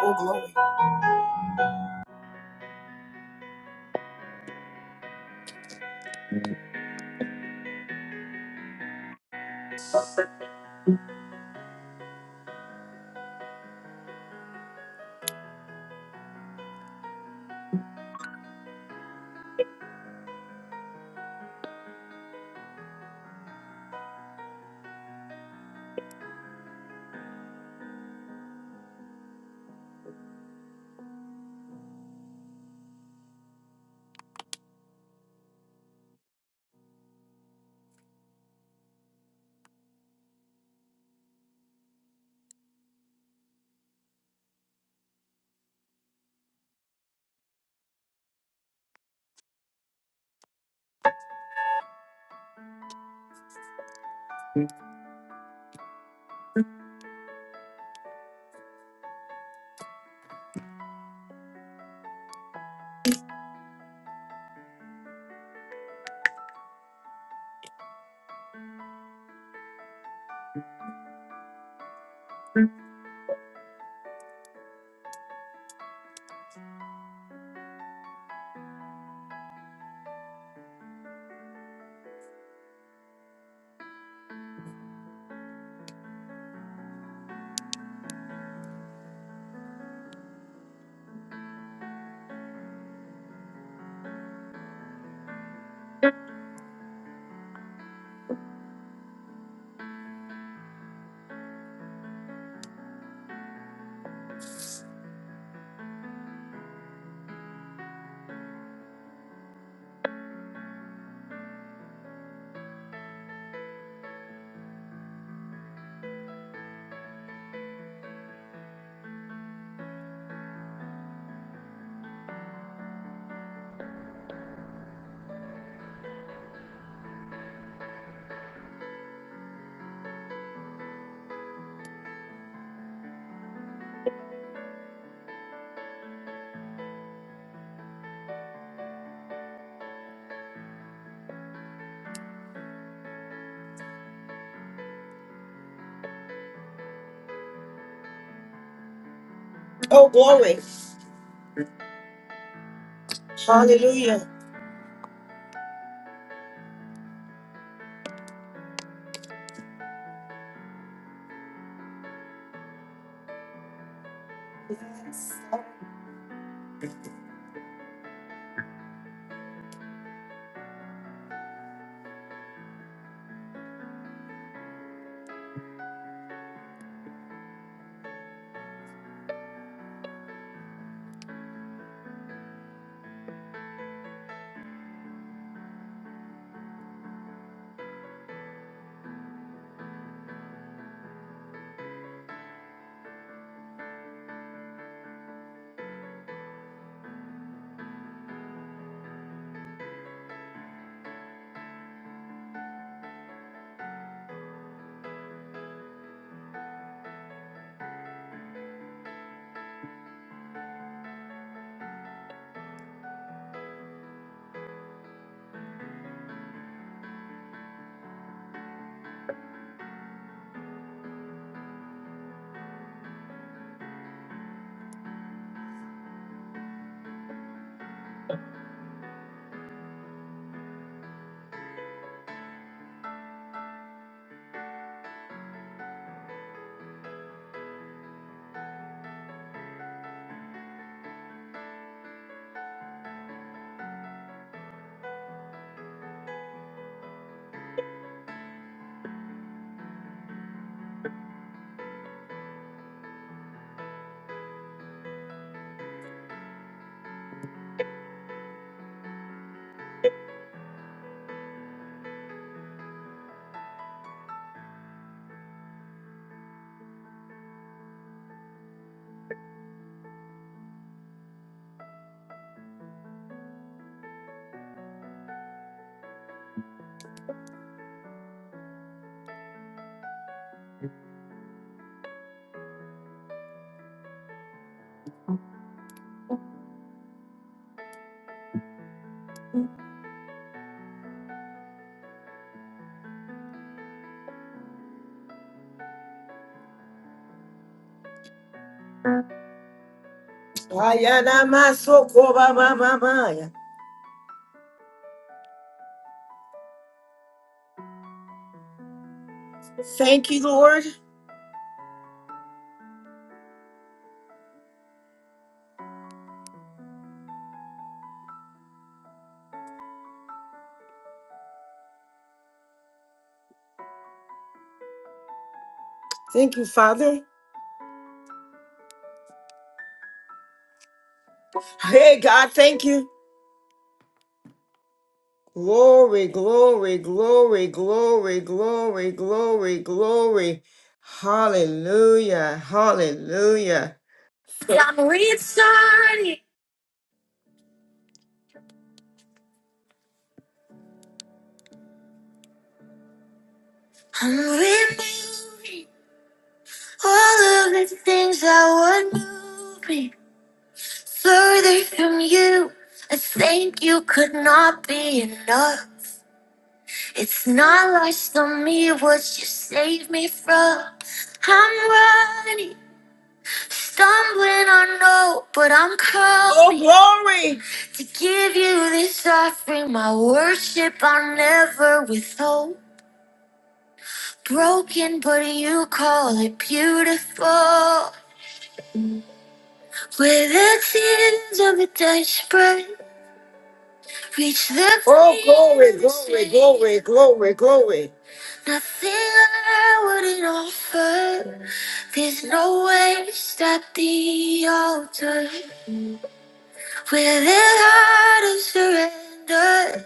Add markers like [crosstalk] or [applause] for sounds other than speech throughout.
Oh, glory. Oh, glory. Hallelujah. Ayanamasokorabamamamaya. Thank you, Lord. Thank you, Father. Hey, God, thank you. Glory, glory, glory, glory, glory, glory, glory. Hallelujah. Hallelujah. I'm restarting. I'm removing all of the things that would move me. Further from you, I think you could not be enough. It's not lost on me what you saved me from. I'm running, stumbling, I know, but I'm coming. Oh, glory! To give you this offering, my worship I'll never withhold. Broken, but you call it beautiful. With the tears of a desperate. Reach the Oh, glory, glory, glory, glory, glory. Nothing I wouldn't offer. There's no waste at the altar. With a heart of surrender,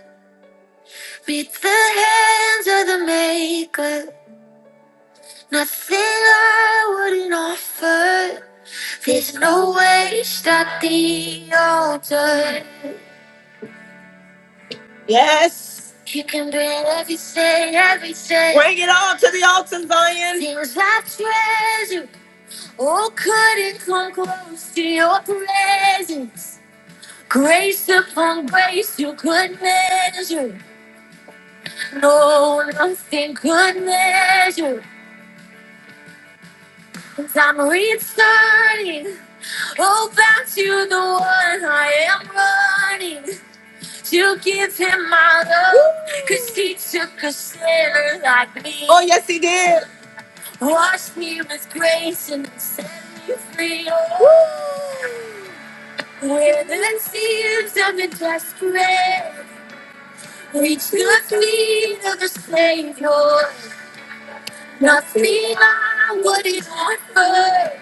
meet the hands of the Maker. Nothing I wouldn't offer. There's no waste at the altar. Yes. You can bring everything, everything. Bring it all to the altar, Zion. Things I treasure, oh, couldn't come close to your presence. Grace upon grace, you could measure. No, nothing could measure. Cause I'm returning, oh, back to the one I am running. to give him my love. Woo! Cause he took a sinner like me. Oh, yes, he did. Washed me with grace and set me free. Woo! Where the seas of injustice reached the feet of the Savior. Nothing I wouldn't offer.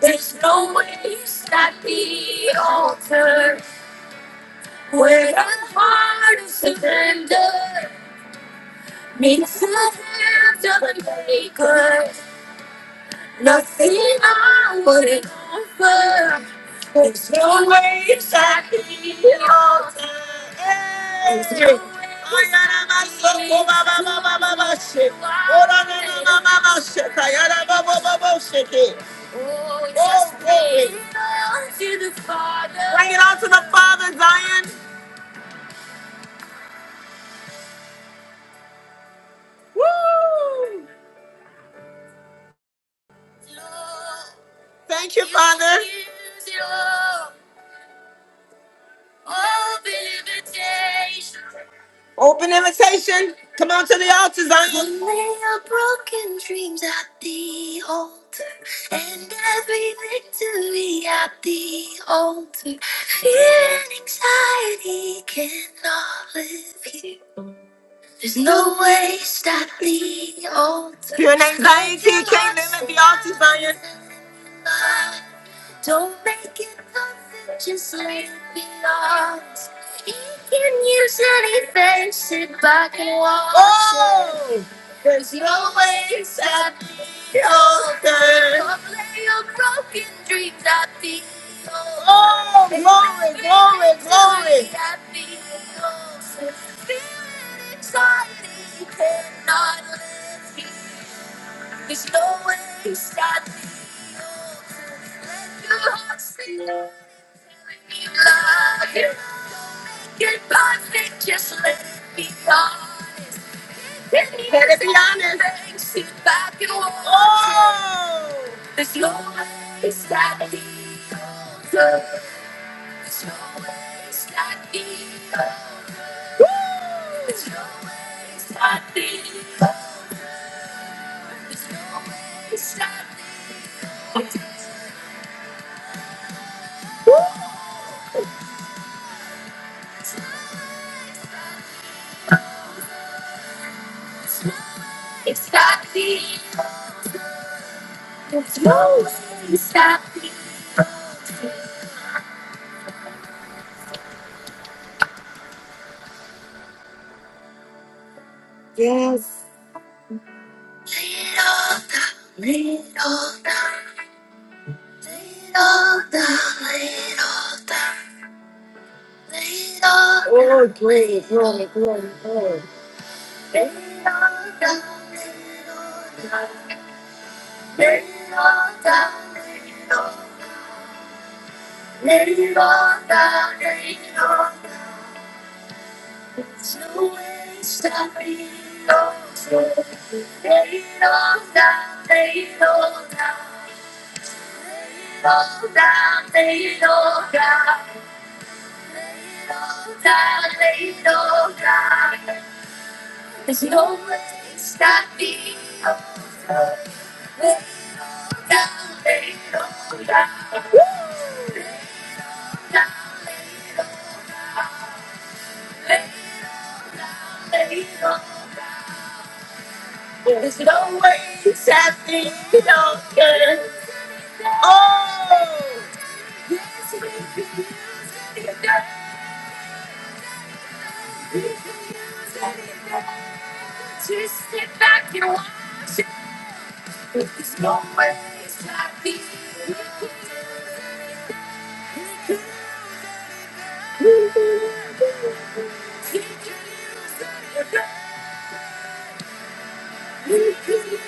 There's no waste at the altar where a heart is surrendered. Means the hands of a Nothing I wouldn't offer. There's no ways I can be altered. There's no ways I can be altered. Oh, just bring it on to the Father. Bring it on to the Father, Zion. Woo! Thank you, Father. Open invitation. Come on to the altar, Zion. lay your broken dreams at the altar, and every victory at the altar. Fear and anxiety cannot live here. There's no waste at the altar. Fear and anxiety can't live at the altar, Zion. Don't make it perfect, just let it be honest. He can use any face, sit back and watch. Oh! it. There's no way it's happy older. Don't let your broken dreams at the old. Oh, glory, glory, glory. At the altar. Feeling anxiety, you cannot let it be. There's no way you stop stopping you. Let your heart sing. Telling you love you. Get perfect, just let me honest. Let me Let it be honest. Things, sit back and watch. Oh! There's no way you stop stopping you. There's no way you stop stopping you. Woo! There's no way stopping you. stop me. Oh, There's no way stopping you. stop me. Oh, Woo! It's has got me. It's no it's got me. Yes. Little the little the little the little the Oh glory, glory, glory, glory. Little the little the little the little the little the There's no way stopping us. Lay it all down, lay it all down. Lay it all down, lay it all down. Lay it all down, lay it all down. There's no way stopping us. Lay it down, lay it all down. Lay it down, lay it all down. Lay it down, lay it all down. There's no way that thing don't care. Oh, Yes, we can use it again. We can use it again. Just sit back and watch it. There's no ways I think you don't care. we can use it again. We can use it again.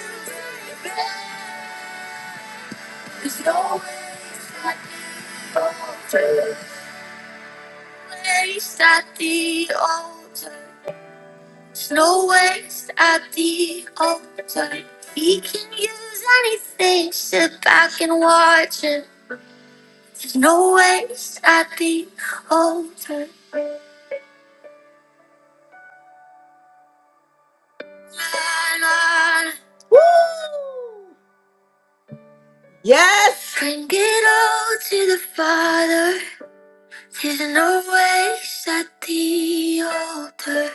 There's no way that thing don't care. waste at the altar. no waste at the altar. He can use anything. Sit back and watch it. There's no waste at the altar. La, la, la. Woo! Yes! Bring it all to the Father. There's no waste at the altar.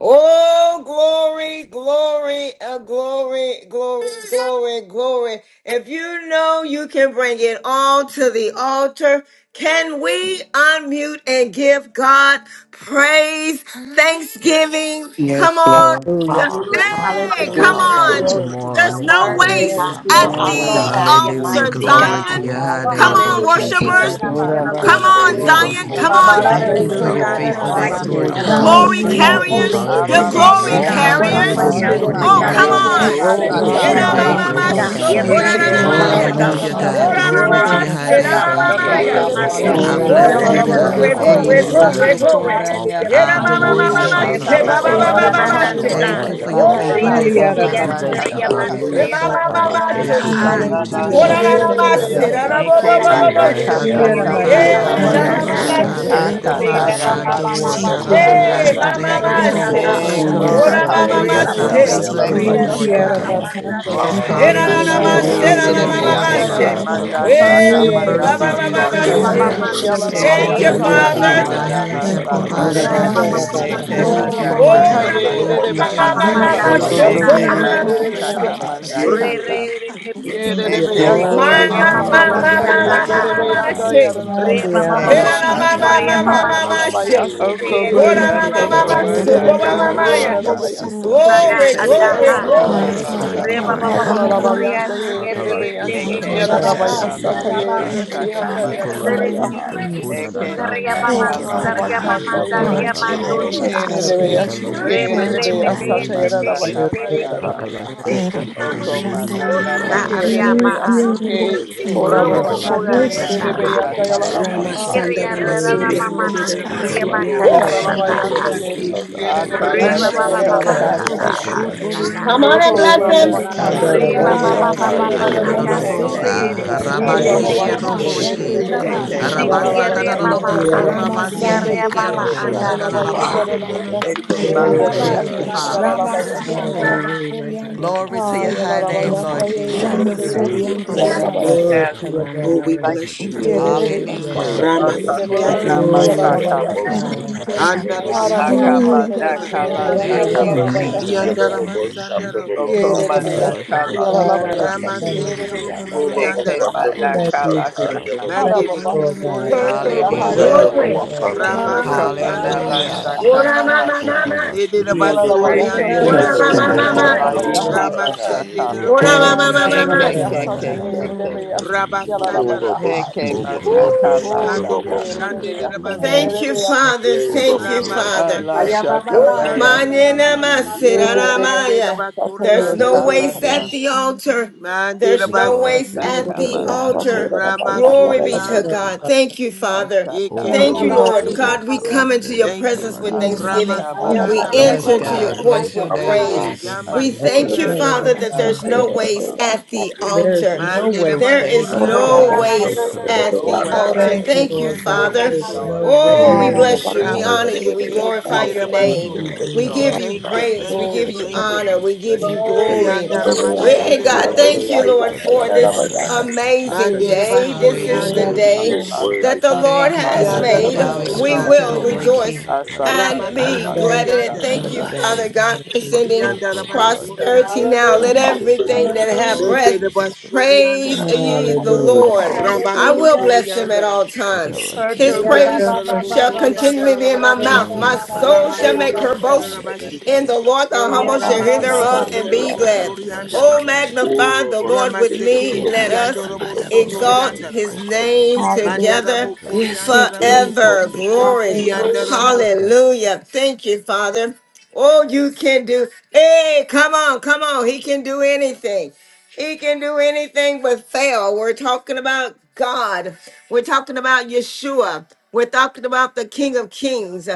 Oh, glory, glory, uh, glory, glory, glory, glory. If you know you can bring it all to the altar, can we unmute and give God praise, thanksgiving? Come Yes, on. Lord. Hallelujah. Just, Lord, hallelujah. hey, Hallelujah, come Hallelujah. Yes, Thank you, Jesus. on. Good Father. Glory hallelujah. to God. There's Your morning, no word, Father. We dear Yes, God. Hallelujah. thank waste you, at Your Thank bless you, No Lord. the We the awesome Father. Shandalamosa. come Lord. God. waste. Your Bless before Hallelujah. the altar, We mighty you Dear Lord. thank Glory at you, the God. to Zion. God. your high Lord. altar, Come name, Hallelujah. Father. on, Lord Hallelujah. We King of Hallelujah. Jesus. worshipers. thank you kings Lord, that God, and I we have the I I praise Come Lord can of you. bow on, praise lords. Lord. your down stated to Zion. I it you, up Come holy Father. on. Your We name. magnify Thank so. your can you for lay holy name. your God. Hallelujah. all Your our Shandalamosa. Thank faithfulness, you, burdens righteous Lord Lord on Hallelujah. Jesus. the God, God. God. I Glory thank Hallelujah. Hallelujah. Yelamosa. altar, you. Ekoro Yelamosa. carriers, Holy Father. is your We your Ala Thank shande, la can Such you, a name, glory la We God. walk honor siroro Jesus. and you Wonderful carriers. be this in satamana shande, your morning, counselor, Oh, Lord glory, Hallelujah. God. come hallelujah. Yelamosa. Father. katamana on. la Jesus. Oh, Hallelujah. We ekoro Shandalamosa. Such can Hallelujah. be a in Prince shande, your of love. Thank Hallelujah. satabaye. you, peace, Lord presence, ekoro God. Yelamosa. Rabababakosh, Thank Father. Yelamosa. God. We you. shande, Eke Shandalamosa. Everlasting can Lord, Ora bosho love Father, Yeramamamashokororamamaya. have iroro you Yerebeanda I God. Hallelujah, Yelamosa. Hallelujah. such a shande, God. hallelujah. Glory You're to kumana Yalabayasi, your sigoro high awesome, name, God, shande, sataba so. the Father. lover Oramamamaseramamamaya. of my satamana Hikalashiq. soul, Lord, I Hallelujah. Yerebeyasi, siroro King of bless have sata. you, Thank Oh, kings shande, you and I for the God. the I glory, Lord of such Yalabayasata, a altar, ekoro glory, praise Eke lords. you, Father. Thank glory, God. bosho shande, must. you for the glory. Yerebeyanda, altar kumanya Hallelujah. that I Thank we you, kamana get adore aroro Jesus. you, peace, tata It shande, we Father. Yeramamamamase, Rema Shandalamosa. get goes Oh, out love, of mandoria we kamataka. siroro Yelamosa. get Rababaha my babababababase. joy shande, Thank mandasha. you at Eke the for system. your ekoro Yalabayanda, mana altar, Oh, Rebe shande, faithfulness, Father. tata oh Mariara glory. We bekegan God. Yerebeyasi, manda ekoro Bakara, thank you, seria kata shande, Father. Oh, kanda. mandoria yes, Shandalamosa. Kiriandara, Lord. Yalabayashata, Isakalate bakashaka. Bless Oko your Yemamamamatose. Ah. name, kana iroro Oh, Sesiara totolededede, nata. Jesus. shande, shut Robo I bo Busandara Orararamase, have lora shisakalate. ra ra Bakura, ekoro. Yerebeyasanda, ra lost. Eke ba ba We manda pasa rarabobobobobobote. rest I at kata teria Kiara the Yerebeyasi, reba altar, kanda glorify, I Mandiara Father, Father. Hey, pasa Yelamosa. kanda. ta. you praise, Ararora Ah. I, Bakaria, give Yalabayasata, I Shandalamosa. us ramamamase. shandere Aka koro peace. magnify, Reba Isakalate Yerebeyanda kala ba I ba shande la ba te ba adore. ba si God, totolededede, I Hallelujah. koro Yalabayaso, Thank shure Hey, bless the ke ba Glory, glory. Glory, mama, shande. name of kaya you, mama, Father shisikitalashikalashi. Oh, saka. God. Irororo six. Ah. Jesus. Hey, Oh, yes, glory. glory, Rababaka, shandere Ora, Lord. mama, we koro Great mama, Reba is praise six. ba thy you. shande ba Yerebeyanda ba hallelujah. si Thank shure faithfulness, you, O koro Hatataririshi Lord Jesus. reba Kiara shande. ba God. Yalabayasata. ba sakamate Bakandara Oh, Hey, na, kashaka. Irororo na, Bakara, na, Konanda. Hallelujah, ma, Yara shande tututuririshi. se, Ye God, de de na, for Glory si ma, this be ma, ma, to Bakara, rororo morning, ma, Yererebeyanda such a se. God. Eke shandere moment. yalalabaya manda koro Re sanda shaka The baba Mariara Hey, shande. ba, yeş. baba ba, mercies mandala Bakara, ba, we Hikolatatataririshi ba, ba, see, O sata. Yes, Yara Yererebeya Thank se. you, God. God. siki sakalate. Jesus. Bakara Eke All Thank yalalabaya that you, we Hallelujah. have Bakaria, Yes, mashaka sanda. Father. needed, Lord. thy Okokokola hands mandala De shisa have koro My sata. Lord, provided, about God. God. shande Andara second, si Bakara, Eke tatataririshi about Thank Ora you, irororo manda Lord second. babaka kata Some Ora, ye God. shande. ma, de ma, de Thank manda ma, satataririshi. you, ma, Thank you. kata. ma, yererebeyanda ma, ma, Jesus. ma, Shoto Irororo se. to yalalabaya Kiara Hokolashi to the Ora, Eke Bakara, siki na, shandere na, river, na, manda koro ma, second, se. yererebeya kaka shande haya. manda si about rororo kata. shande. Eke Indiara Yererebeya Ma, ma, Oh, siki Bakara, manda the ma, river, ma, koko Hallelujah, about ma, yalalabayanda manda talashi ma, ma, kata hallelujah. ma, second. ma, manda. yererebeyanda se. sotuturirishi yalalabaya Andiara Hey, Hallelujah, na, Yes, Eke sanda. sakalate na, ma, God. ma, manda. ma, We Bakara, ma, go ma, shandere. ma, shut Ayalalabaya up. se. siki tututuririshi Oko yeş. Ora, manda na, ma, sakalate Kiara ma, koko ma, se. manda Ko, Glory, Bakara, ma, ma, kalo Yererebeyanda ma, ya. shaka. tututuririshi yalalabaya soku ye de Glory, sakalate de Eke glory, manda of the Oh, beyasanda. kala glory. la yes. glory, shaka glory. Walk tatataririshi. mananda. most Hallelujah, on, surya Hayalalabayanda God. re walk re yererebeya te Thank on, you, e Hakalashisa Thank you, Eke ta e Lord, ta Andara ta manda Jesus. da sikiyararabaya la di di la sata di la si. la Thank you, shaka yerelebeyanda Father. manda grace da. yararabaya upon Hallelujah. Ikolashiso haya. Bakara, grace, toda your da Eke da Ria ta manda ta mama, Thank ka ta you, goodness, da la Lord di la di saria God. di Horababakanda mama, Glory shaka si to ye Glory daria manda to la your your name, sakalate. oh, mandosa. masaka. Jesus. name. yererebeya in Yes, şiki God. Rep Eke Glory goodness, Ikalashiso to your toto manda yererebeya di name, la di repete sata di di sete Jesus. e si. masaka Glory yararabayanda tere manda keke da. yararabaya sete haya. e. Hakalashiso Dero I'm toto di Oko Jesus. di di manda shande si na equal Kusa Hallelujah. to restored. ria sakalate. shande maseke Yererebeya maa. Oh, mase. to siki that's you, Oh, Hallelujah. equal Robo Lord, Oko yes, boko Lord. horababakanda ya We manda I shande Hakalashisa go am. na ta sata. la ta shut senior da yerelebeyanda di shaka di di si manda yalalabaya shande. da. Ramasanda haya. Shiria You Thank rara you sikalate. get Ramasori to mama me. and Ese man. the Yes, Jesus. se God. Ria Rabasori maka manda Hallelujah. Ikolashiso ya na Thank Abashende you, toto na. sata. de di Yalalabayanda di Jesus. ye up. si Rabaki. Haka yererebeya sakalate. Reba Bless your sata manda name, baba Ore ka da baba God. Ramasikando yararabayanda basa ya. Bless masaka. your sata. kata name, ore Roboshotori Jesus. and Okokolashiso Come on Sata. and toto maesa. Oko di bless di Ramashande di him. Thank manda you. si ka Horababakaya Reba Rabaseke. Hallelujah. maseke Ore baba sakalate. yerelebeyanda basa manda. Hallelujah. baba yararabaya kaya Eke sanda. Ramasende de sore Ikalashiso re Ayadadalobosa, manda ta ta ka tere Robosori Sunday, de ta Ora and te. ta baba di Rabaseke shaka. di si. Yes, şikere Roboshi, de Lord, Rabashande. beyaz thank you, Lord, Siti that yalala Rabasa ya Okokolashi ria it mama. bayandara da was Dadaloboko Shandalo beyaz Siti Satatadaishi performed. ya sanda. Ramasande ria de Rabaseke mama Rabashande Robosha de Yalala Okolashi andaria. bayandara Rabakori Dalalabasa. da and Sakalate beyaz Amen. Ramashe. şikere de beyaz Thank Hakalashi you, Father. yalala beyaz Ramasianda şata. Oh, we were Rabakori and Glory yes, to Ha your Lord, Rabase. high yalala name, bayanda Lord yere de Jesus. beyaz Ramasori Hallelujah. and Kalashi Ore Thank you, da yalala Father beyaz Rabase. basa God. sanda. chama Okalashi Oh, Hallelujah. mama we Thank yes, you, bless you Jesus. sama. Yere tonight. de Satatadaishi beyaz your sanda Hallelujah. name. Praise yere Sakalate your de holy name. Ate beyaz Ramasikando Akasana na Oh, Totodaishi mai Santa yalala Robosori. Masaka. bayanda. Robosa Sakalate chama. Karabakanda. Taya Ayah, Andarabo Hara Robosa. ayah, baba Totodaishi ayah, Soriande kanda de Akamana yere Rabaki. de mahandara, Kala beyanda Ikalashi Thank basaya. you, yalala beyaz Yerobosita Karabakanda. Sakamanana. sanda. Jesus. Yerobosa Satatadaishi Robosa Thank Yere Yandaramasandarabokuri. de you, beyaz Okomana Taya Ikalashi Kala Robosa. yalala beyaz Saka. sata yere Ramaseke de beyanda Romosi yalala Rulobosa beyaz. Andarabaki. Ekemana Satatadaishi Robosa Kala Taya Jesus. Saka. Sakalate Thank Mande de you, Rabo Robosita. Lord Harababashiye, God. Rebeyah, Glory, Soriandarabash. Santa Glory Hallelujah. to Hokolashi Okomana. glory. your Yalabayah, name. Robosa Glory, Taya. Satay, Rebeyah, Ramasikando Okamana La Bosha. Lord. Hallelujah. Yalabayah, Satatadaishi Ora Sakamala mama O Saka. mama. Hallelujah. Nede Kolashi ta ta ta Yalabayah, ta Eke Rabasoriande Yerobosita ta Satay, Yada ta ba Ora Yes, ta biso Rabaki. ta mama Rebeyah, de kada God. de ba soko Yerobosa de ba mama. de de. yeke Robosa Yalabayah, Taya Ramasende masaka. de O Ora oh Yellow, Robosita. Kolashi mama ta ta mama. Eke Rabokoriandarabaki. Nalabayah, ta ke ta ke Thank shivara. ta Satay, ta ke ta ke. Rebeyah, ta ta de de de. Rabasandarabaki. Yalabayah, Eke Urobosita O mana Woo. Kolate Yerobosa ta kala oh ta Ikando ta saka. Sier, ta Robosa. ta Boshande de ta de Rebeyah, de. Satay, Oh, Rabase. si. Thank you, Rebeyah, Father. O Thank you, Yerobosita. Father. Kokolashi Ramasande Ala ta ta Woo, ta ta ta Jesus. de saka de de de Rabokoriandarabaki. de manena de de. Yeah, maserana Ende glory, maya. Rebeyah, There's Satay, Oh, no Rebeyah, waste Rabakoriandarabash. Ikalashi. at Samana, the altar. Mande There's no Rabase. waste Ikalashi ta at ta the ta Rebeyah, Asakamana ta ta Satay, altar. ta Shaka, ta Rebeyah, ta de Glory de be de Ramasoria to Yalabayah. de. God. Darabake. Thank you, Father. O Yeke Thank Asakamana, Thank you, you, Lord Kolashi Lord. Robosia. ta God, we Jesus. come into your kalate Thank you. presence with Yeah, kalashi. thanksgiving. Asakama Ramasia We O Yes, Yes, enter Naramase. into your Sakamasa, God. God. Kokolashi courts Bless your with ta Father name, ta ta Eh, praise. ta ta Jesus. Yamba We de. thank you, Soria Asakamana God. Father, that Darabash. Shaka. there's Thank no you, waste Father. at the Yeah, There is altar. no There's Mande no waste Deba There way at is for Thank you, all. Soria that. So no Darabas. Father. She's a waste color, at No she's the a way. altar. color, Thank ta you, Thank you, Lord Ramasikende God. Thank Father. There you, is Lord, no Robosoria. for your Oh, we waste healing at bless you. all. power. We I'm honor you. We healed. Ramaseke glorify your hallelujah. Nedeba Thank name. you, Soria. Thank Thank you, We you, Lord, give Father you Thank for you, God. removing praise. this, We thank you, give you thank bringing you. honor. this We give you lesson Jesus. or whatever glory. it is out Hallelujah. of you. my glory. Hey, Iandaramashunde ear. I God, don't know thank Glorify you, what Robasike. it your is. Lord, name. for Thank this you, Father. Hallelujah. I amazing curse Mande it Yes, to Deba I the day. will root This and is crush the it. the Glory root Hallelujah. Darabas. to cause. day your word. that that the you Ida Lord Thank ba you, Asakamana ba has ba God. da Be made. bu thou crush We it. Shaka, exalted, O will Ida great ba. Yandarabasuriandarabaki. rejoice King. are. Asakana and be Ara bu Thank glad in you, it. Thank kuru Lasakamana you, ba Rabasotoriandarabaki. Jesus. shi Father God, ke for ida Hallelujah. bu sending crush it. Ida Sakana ba prosperity now. Kamana Let Yandarabasuriandarabaki. Hallelujah, kuru everything Hallelujah. that ba Kamana have shi hallelujah, ke ta. breath ida bu crush it. praise Ida Menderabasuriandarabaki. ye the hallelujah, Hallelujah. Lord. bu I Hallelujah. kuru will hallelujah. ba bless sha. him at all Rabasotoriandaramasi. times. Yes, it ke Ikalashi, His ida Eya bu ba praise ba crush Akamana it. ba Sakalashi, ba But shall it ba ba ba is it. continually da be in da my da Yandarabosuriandarabaki. da mouth. da Mm, My Ida ba da ba da ba soul da da Colossians, shall ba Hallelujah. da uh, make bu ba uh, Sakamana uh, her sha. boast crush you it. see. Thank you, Ramasuriandarabashete. in Ida Jesus. Kamana the Lord. The Eya humble ba shall The hear ba Oh, Ramaki yes, ba thereof ba. ba and Colossians, uh, let ba be the Kandorabo ta, ba da Lord ta, glad. bu ta, ta, have ta, crush ta, it. Oh, Soriandaramas. you see. magnify All of the us who Lord with take your hand me. O Ramaseke Ida of Let ba your us, us hand way. ba Colossians, of ba Iandorabo uh, the da hand bu You are crush. exalt of Colossians, his uh, Sotoriandarabashi. the us. Colossians, name uh, ta, Hallelujah. ta, King ta, together Mandarabo ta, ta, Yes, of you it ke Yes, us see. ida who forever. Koriandaramaseke. the bu take the kuru Glory. hand ba of sha. us. Iandaramo. Hallelujah. Hallelujah. Thank you, Father. Oh, you can do. Hey, come on, come on. He can do anything. He can do anything but fail. We're talking about God. We're talking about Yeshua. We're talking about the King of Kings.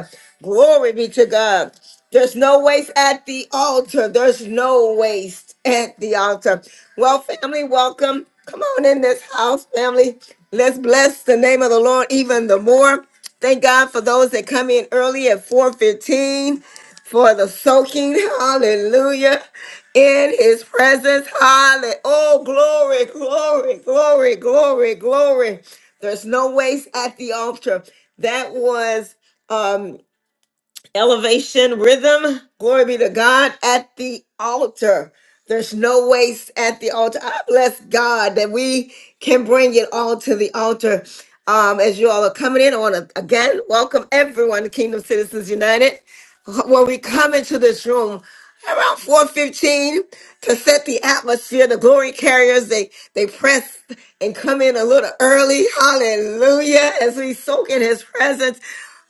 Glory be to God. There's no waste at the altar. There's no waste at the altar. Well, family, welcome. Come on in this house, family. Let's bless the name of the Lord even the more. Thank God for those that come in early at 415 for the soaking. [laughs] Hallelujah in his presence. Hallelujah. Oh, glory, glory, glory, glory, glory. There's no waste at the altar. That was um elevation rhythm. Glory be to God at the altar. There's no waste at the altar. I bless God that we can bring it all to the altar. Um, as you all are coming in, I want to again welcome everyone to Kingdom Citizens United. When we come into this room, around 4.15 to set the atmosphere the glory carriers they they press and come in a little early hallelujah as we soak in his presence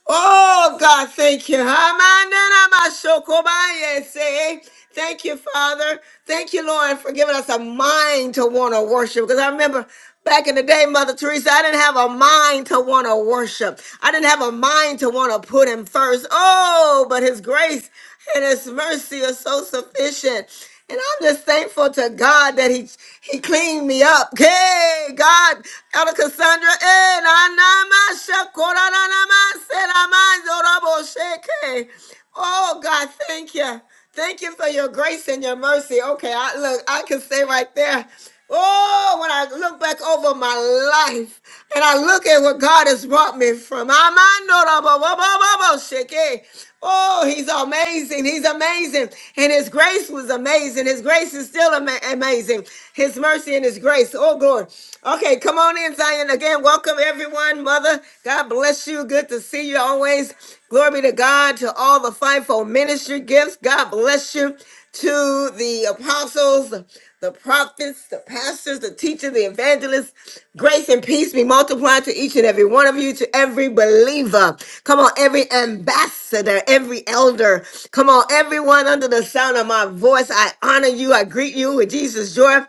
Oh, God, thank you. Hamananamashokobayese. Thank you, Father. Thank you, Lord, for giving us a mind to want to worship. Because I remember back in the day, Mother Teresa, I didn't have a mind to want to worship. I didn't have a mind to want to put Him first. Oh, but His grace and His mercy are so sufficient. And I'm just thankful to God that He He cleaned me up. Hey, God, Elder Cassandra, eh, na na ma sha ko ra na na ma se ra ma zo ra bo she ke. Oh God, thank you. Thank you for your grace and your mercy. Okay, I look, I can say right there. Oh, when I look back over my life and I look at what God has brought me from. Amandorababababashake. Oh, he's amazing. He's amazing. And his grace was amazing. His grace is still ama- amazing. His mercy and his grace. Oh, glory. Okay, come on in, Zion. Again, welcome everyone. Mother, God bless you. Good to see you always. Glory be to God, to all the fivefold ministry gifts. God bless you to the apostles the prophets, the pastors, the teachers, the evangelists. Grace and peace be multiplied to each and every one of you, to every believer. Come on, every ambassador, every elder. Come on, everyone under the sound of my voice. I honor you. I greet you with Jesus' joy.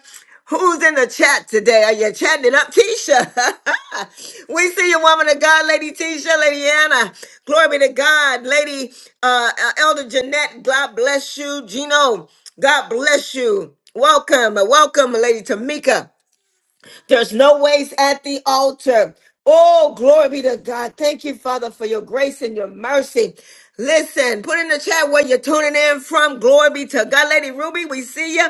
Who's in the chat today? Are you chatting it up, Keisha? [laughs] We see you, woman of God, Lady Tisha, Lady Anna. Glory be to God, Lady uh, uh, Elder Jeanette. God bless you, Gino. God bless you. Welcome, uh, welcome, Lady Tamika. There's no waste at the altar. Oh, glory be to God. Thank you, Father, for your grace and your mercy. Listen, put in the chat where you're tuning in from. Glory be to God. Lady Ruby, we see you.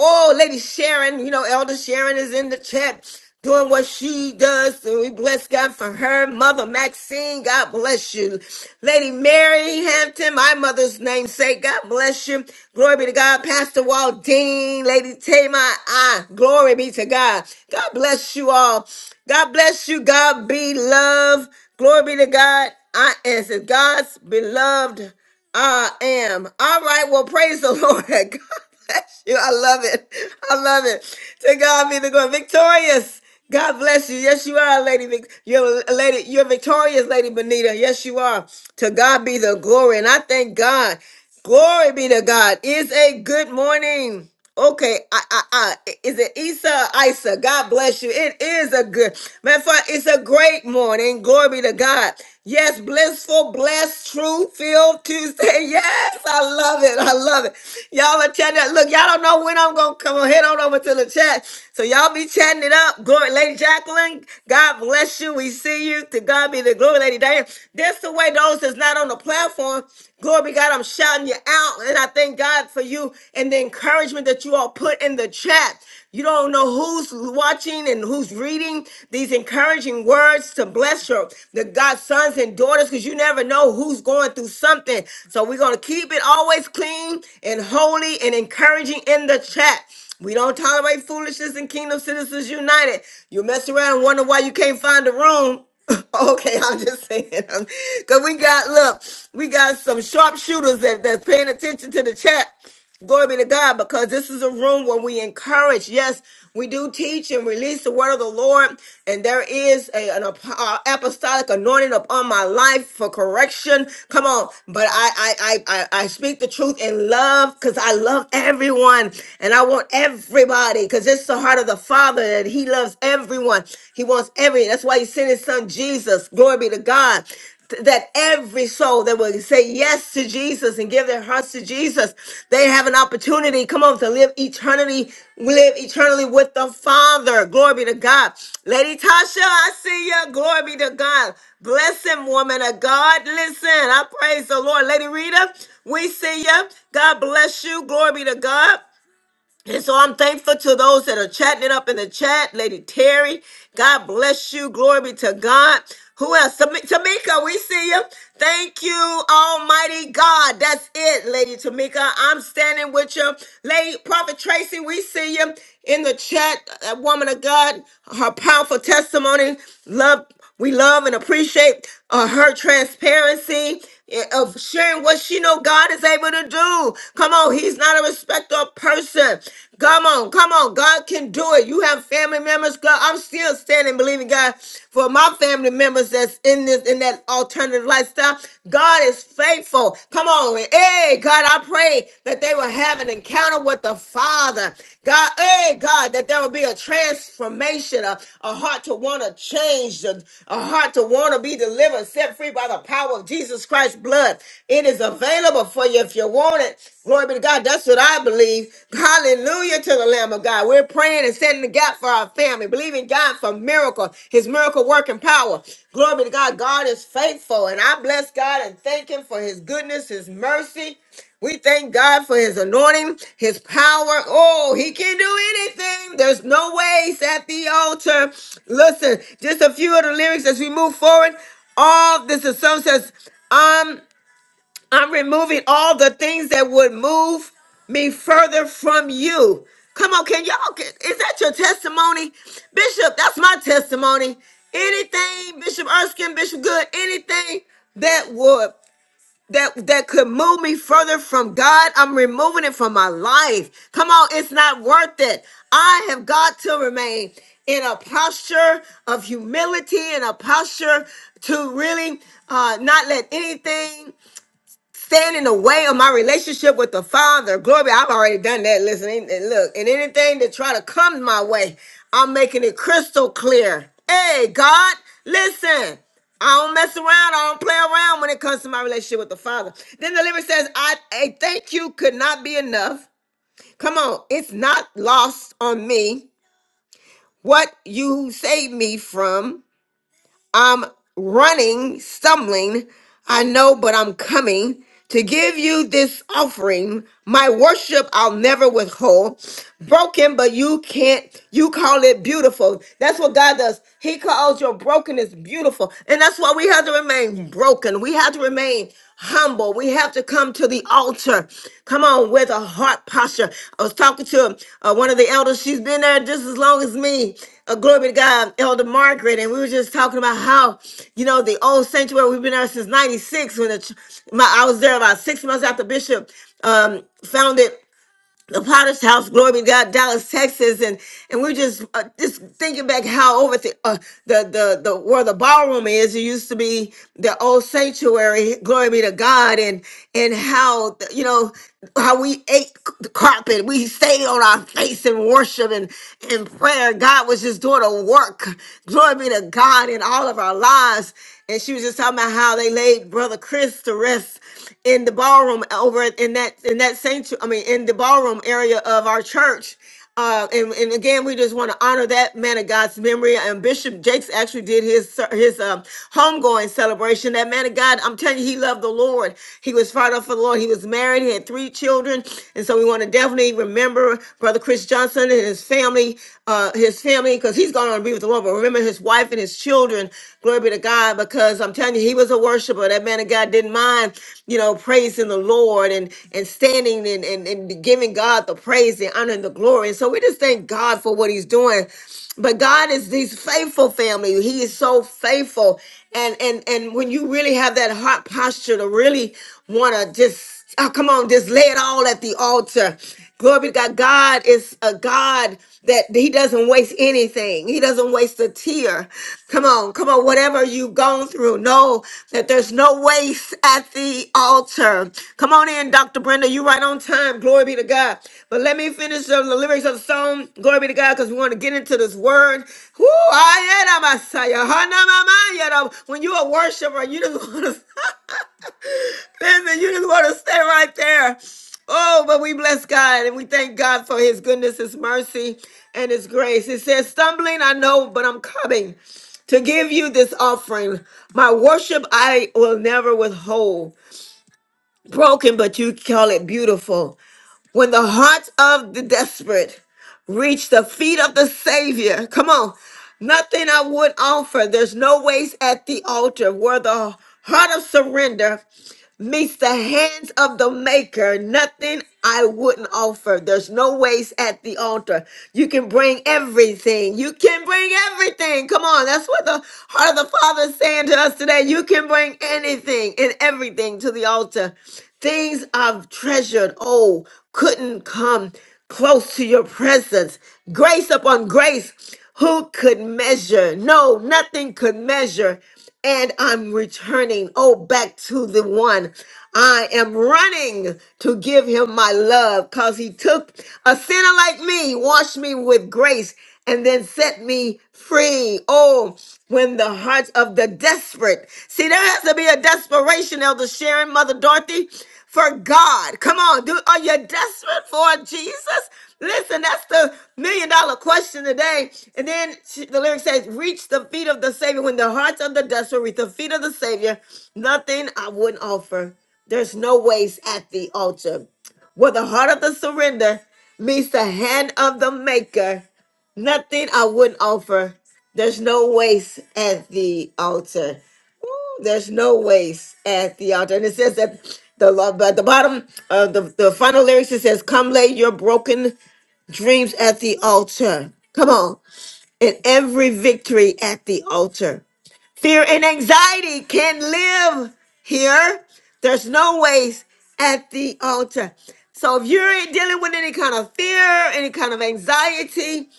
Oh, Lady Sharon, you know, Elder Sharon is in the chat doing what she does. So we bless God for her. Mother Maxine, God bless you. Lady Mary Hampton, my mother's namesake, God bless you. Glory be to God. Pastor Waldine, Lady Tamar, I, glory be to God. God bless you all. God bless you. God be love. Glory be to God. I am God's beloved. I am. All right. Well, praise the Lord. [laughs] God bless you. I love it. I love it. To God be the glory. Victorious. God bless you. Yes, you are, Lady. Vic- You're a lady. You're victorious, Lady Benita. Yes, you are. To God be the glory. And I thank God. Glory be to God. It's a good morning. Okay, I, I, I, is it Issa or Isa? God bless you. It is a good, matter of fact, it's a great morning. Glory be to God. Yes, blissful, blessed, true, filled Tuesday. [laughs] Yes, I love it. I love it. Y'all are chatting. it- Look, y'all don't know when I'm gonna come on. Head on over to the chat. So y'all be chatting it up. Glory, Lady Jacqueline. God bless you. We see you. To God be the glory, Lady Diane. That's the way those that's not on the platform. Glory be Glory to God, I'm shouting you out. And I thank God for you and the encouragement that you all put in the chat. You don't know who's watching and who's reading these encouraging words to bless your the God's sons and daughters, because you never know who's going through something. So we're gonna keep it always clean and holy and encouraging in the chat. We don't tolerate foolishness in Kingdom Citizens United. You mess around and wonder why you can't find a room. [laughs] okay, I'm just saying. [laughs] Because we got, look, we got some sharpshooters that, that's paying attention to the chat. Glory be to God, because this is a room where we encourage. Yes, we do teach and release the word of the Lord, and there is a, an ap- uh, apostolic anointing upon my life for correction. Come on, but I I I I, I speak the truth in love, because I love everyone, and I want everybody, because it's the heart of the Father that He loves everyone. He wants every. That's why He sent His Son Jesus. Glory be to God. th- That every soul that will say yes to Jesus and give their hearts to Jesus, they have an opportunity. Come on, to live eternity, live eternally with the Father. Glory be to God. Lady Tasha, I see you. Glory be to God. Bless him, woman of God. Listen, I praise the Lord. Lady Rita, we see you. God bless you. Glory be to God. And so I'm thankful to those that are chatting it up in the chat. Lady Terry, God bless you. Glory be to God. Who else? Tam- Tamika, we see you. Thank you, Almighty God. That's it, Lady Tamika. I'm standing with you. Lady Prophet Tracy, we see you in the chat. That woman of God, her powerful testimony. Love, we love and appreciate uh, her transparency eh, of sharing what she know God is able to do. Come on, he's not a respecter of person. Come on, come on, God can do it. You have family members, God. I'm still standing believing God for my family members that's in this in that alternative lifestyle. God is faithful. Come on, hey God, I pray that they will have an encounter with the the Father. God, hey, God, that there will be a transformation, a, a heart to want to change, a, a heart to want to be delivered, set free by the power of Jesus Christ's blood. It is available for you if you want it. Glory be to God. That's what I believe. Hallelujah to the Lamb of God. We're praying and setting the gap for our family, believing God for miracle, his miracle working power. Glory be to God. God is faithful. And I bless God and thank him for his goodness, his mercy. We thank God for his anointing, his power. Oh, he can do anything. There's no ways at the altar. Listen, just a few of the lyrics as we move forward. All this is some says, um, I'm removing all the things that would move me further from you. Come on, can y'all get is that your testimony? Bishop, that's my testimony. Anything, Bishop Erskine, Bishop Good, anything that would that that could move me further from God, I'm removing it from my life. Come on, it's not worth it. I have got to remain in a posture of humility and a posture to really uh, not let anything stand in the way of my relationship with the Father. Glory, I've already done that. Listen, and- and look, and anything that try to come my way, I'm making it crystal clear. Hey, God, listen. I don't mess around. I don't play around when it comes to my relationship with the Father. Then the lyric says, I, I thank you could not be enough. Come on, it's not lost on me what you saved me from. I'm running, stumbling. I know, but I'm coming to give you this offering. My worship I'll never withhold. Broken, but you can't, you call it beautiful. That's what God does. He calls your brokenness beautiful. And that's why we have to remain broken. We have to remain humble. We have to come to the altar. Come on, with a heart posture. I was talking to uh, one of the elders. She's been there just as long as me. Uh, glory be to God, Elder Margaret. And we were just talking about how, you know, the old sanctuary, we've been there since 96. When the, ch- my, I was there about six months after Bishop um, founded the Potter's House, glory be to God, Dallas, Texas, and and we're just uh, just thinking back how over the, uh, the the the where the ballroom is. It used to be the old sanctuary, glory be to God, and and how you know how we ate the carpet, we stayed on our face in worship and in prayer. God was just doing a work, glory be to God, in all of our lives. And she was just talking about how they laid Brother Chris. Chris to rest in the ballroom over in that in that sanctuary. I mean, in the ballroom area of our church. Uh, and, and again, we just want to honor that man of God's memory. And Bishop Jakes actually did his ser- his um, homegoing celebration. That man of God, I'm telling you, he loved the Lord. He was fired up for the Lord. He was married. He had three children, and so we want to definitely remember Brother Chris Johnson and his family, uh, his family, because he's going on to be with the Lord. But over. Remember his wife and his children. Glory be to God, because I'm telling you, he was a worshiper. That man of God didn't mind, you know, praising the Lord and and standing and and, and giving God the praise, the honor, and the glory. And so we just thank God for what He's doing. But God is these faithful, family. He is so faithful, and and and when you really have that heart posture to really want to just Oh, come on, just lay it all at the altar Glory be to God. God is a God that He doesn't waste anything. He doesn't waste a tear. Come on, come on. Whatever you've gone through, know that there's no waste at the altar. Come on in, Dr. Brenda. You right on time. Glory be to God. But let me finish the, the lyrics of the song. Glory be to God, because we want to get into this word. Woo, I am a Messiah. Hana mama, you know, When you're a worshiper, you just want to. [laughs] Listen, you just want to stay right there. Oh, but we bless God and we thank God for his goodness, his mercy, and his grace. It says, Stumbling, I know, but I'm coming to give you this offering. My worship I will never withhold. Broken, but you call it beautiful. When the heart of the desperate reach the feet of the Savior, come on, nothing I would offer. There's no waste at the altar where the heart of surrender meets the hands of the maker, nothing I wouldn't offer. There's no waste at the altar. You can bring everything. You can bring everything. Come on. That's what the heart of the Father is saying to us today. You can bring anything and everything to the altar. Things I've treasured, oh, couldn't come close to your presence. Grace upon grace. Who could measure? No, nothing could measure and I'm returning. Oh, back to the one. I am running to give him my love because he took a sinner like me, washed me with grace, and then set me free. Oh, when the hearts of the desperate see, there has to be a desperation, Elder Sharon, Mother Dorothy for God. Come on, do are you desperate for Jesus? Listen, that's the million dollar question today. And then she- the lyric says, "Reach the feet of the Savior when the hearts of the desperate reach the feet of the Savior. Nothing I wouldn't offer. There's no waste at the altar, where the heart of the surrender meets the hand of the Maker. Nothing I wouldn't offer. There's no waste at the altar." There's no waste at the altar. And it says that the love at the bottom of the, the final lyrics it says, Come lay your broken dreams at the altar. Come on. And every victory at the altar. Fear and anxiety can live here. There's no waste at the altar. So if you're dealing with any kind of fear, any kind of anxiety,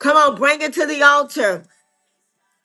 come on, bring it to the altar.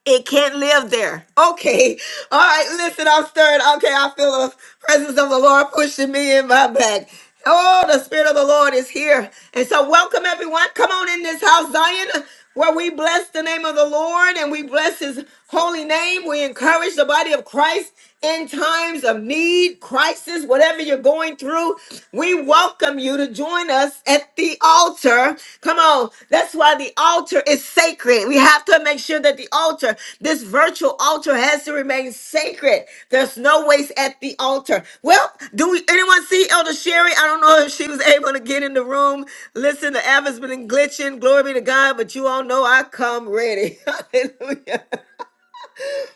It can't live there. Okay. All right. Listen, I'm stirred. Okay. I feel the presence of the Lord pushing me in my back. Oh, the Spirit of the Lord is here. And so, welcome everyone. Come on in this house, Zion, where we bless the name of the Lord and we bless his holy name. We encourage the body of Christ in times of need, crisis, whatever you're going through. We welcome you to join us at the altar. Come on. That's why the altar is sacred. We have to make sure that the altar, this virtual altar, has to remain sacred. There's no waste at the altar. Well, do we anyone see Elder Sherry? I don't know if she was able to get in the room. Listen, the app has been glitching. Glory be to God, but you all know I come ready. [laughs] Hallelujah.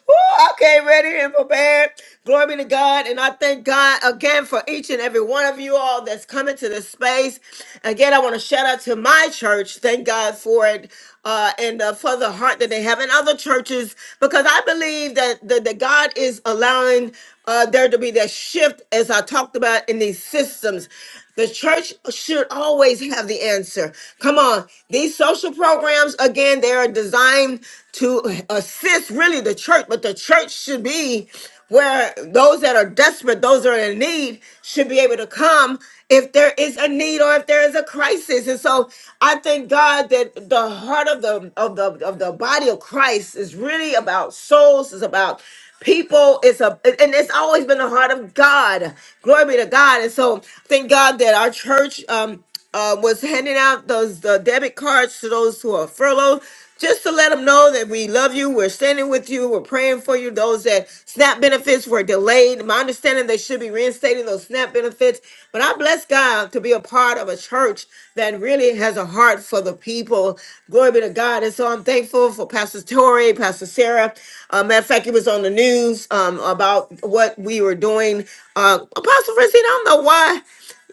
Woo, okay, ready and prepared. Glory be to God. And I thank God again for each and every one of you all that's coming to this space. Again, I want to shout out to my church. Thank God for it. Uh, and uh, for the heart that they have in other churches, because I believe that, that, that God is allowing uh, there to be that shift, as I talked about in these systems. The church should always have the answer. Come on. These social programs, again, they are designed to assist really the church, but the church should be where those that are desperate, those that are in need, should be able to come if there is a need or if there is a crisis. And so I thank God that the heart of the of the of the body of Christ is really about souls, is about People is a and it's always been the heart of God. Glory be to God. And so thank God that our church um uh, was handing out those uh, debit cards to those who are furloughed just to let them know that we love you, we're standing with you, we're praying for you. Those that SNAP benefits were delayed. My understanding understanding they should be reinstating those SNAP benefits. But I bless God to be a part of a church that really has a heart for the people. Glory be to God. And so I'm thankful for Pastor Torrey, Pastor Sarah. Uh, matter of fact, it was on the news um, about what we were doing. Uh, Apostle Francine, I don't know why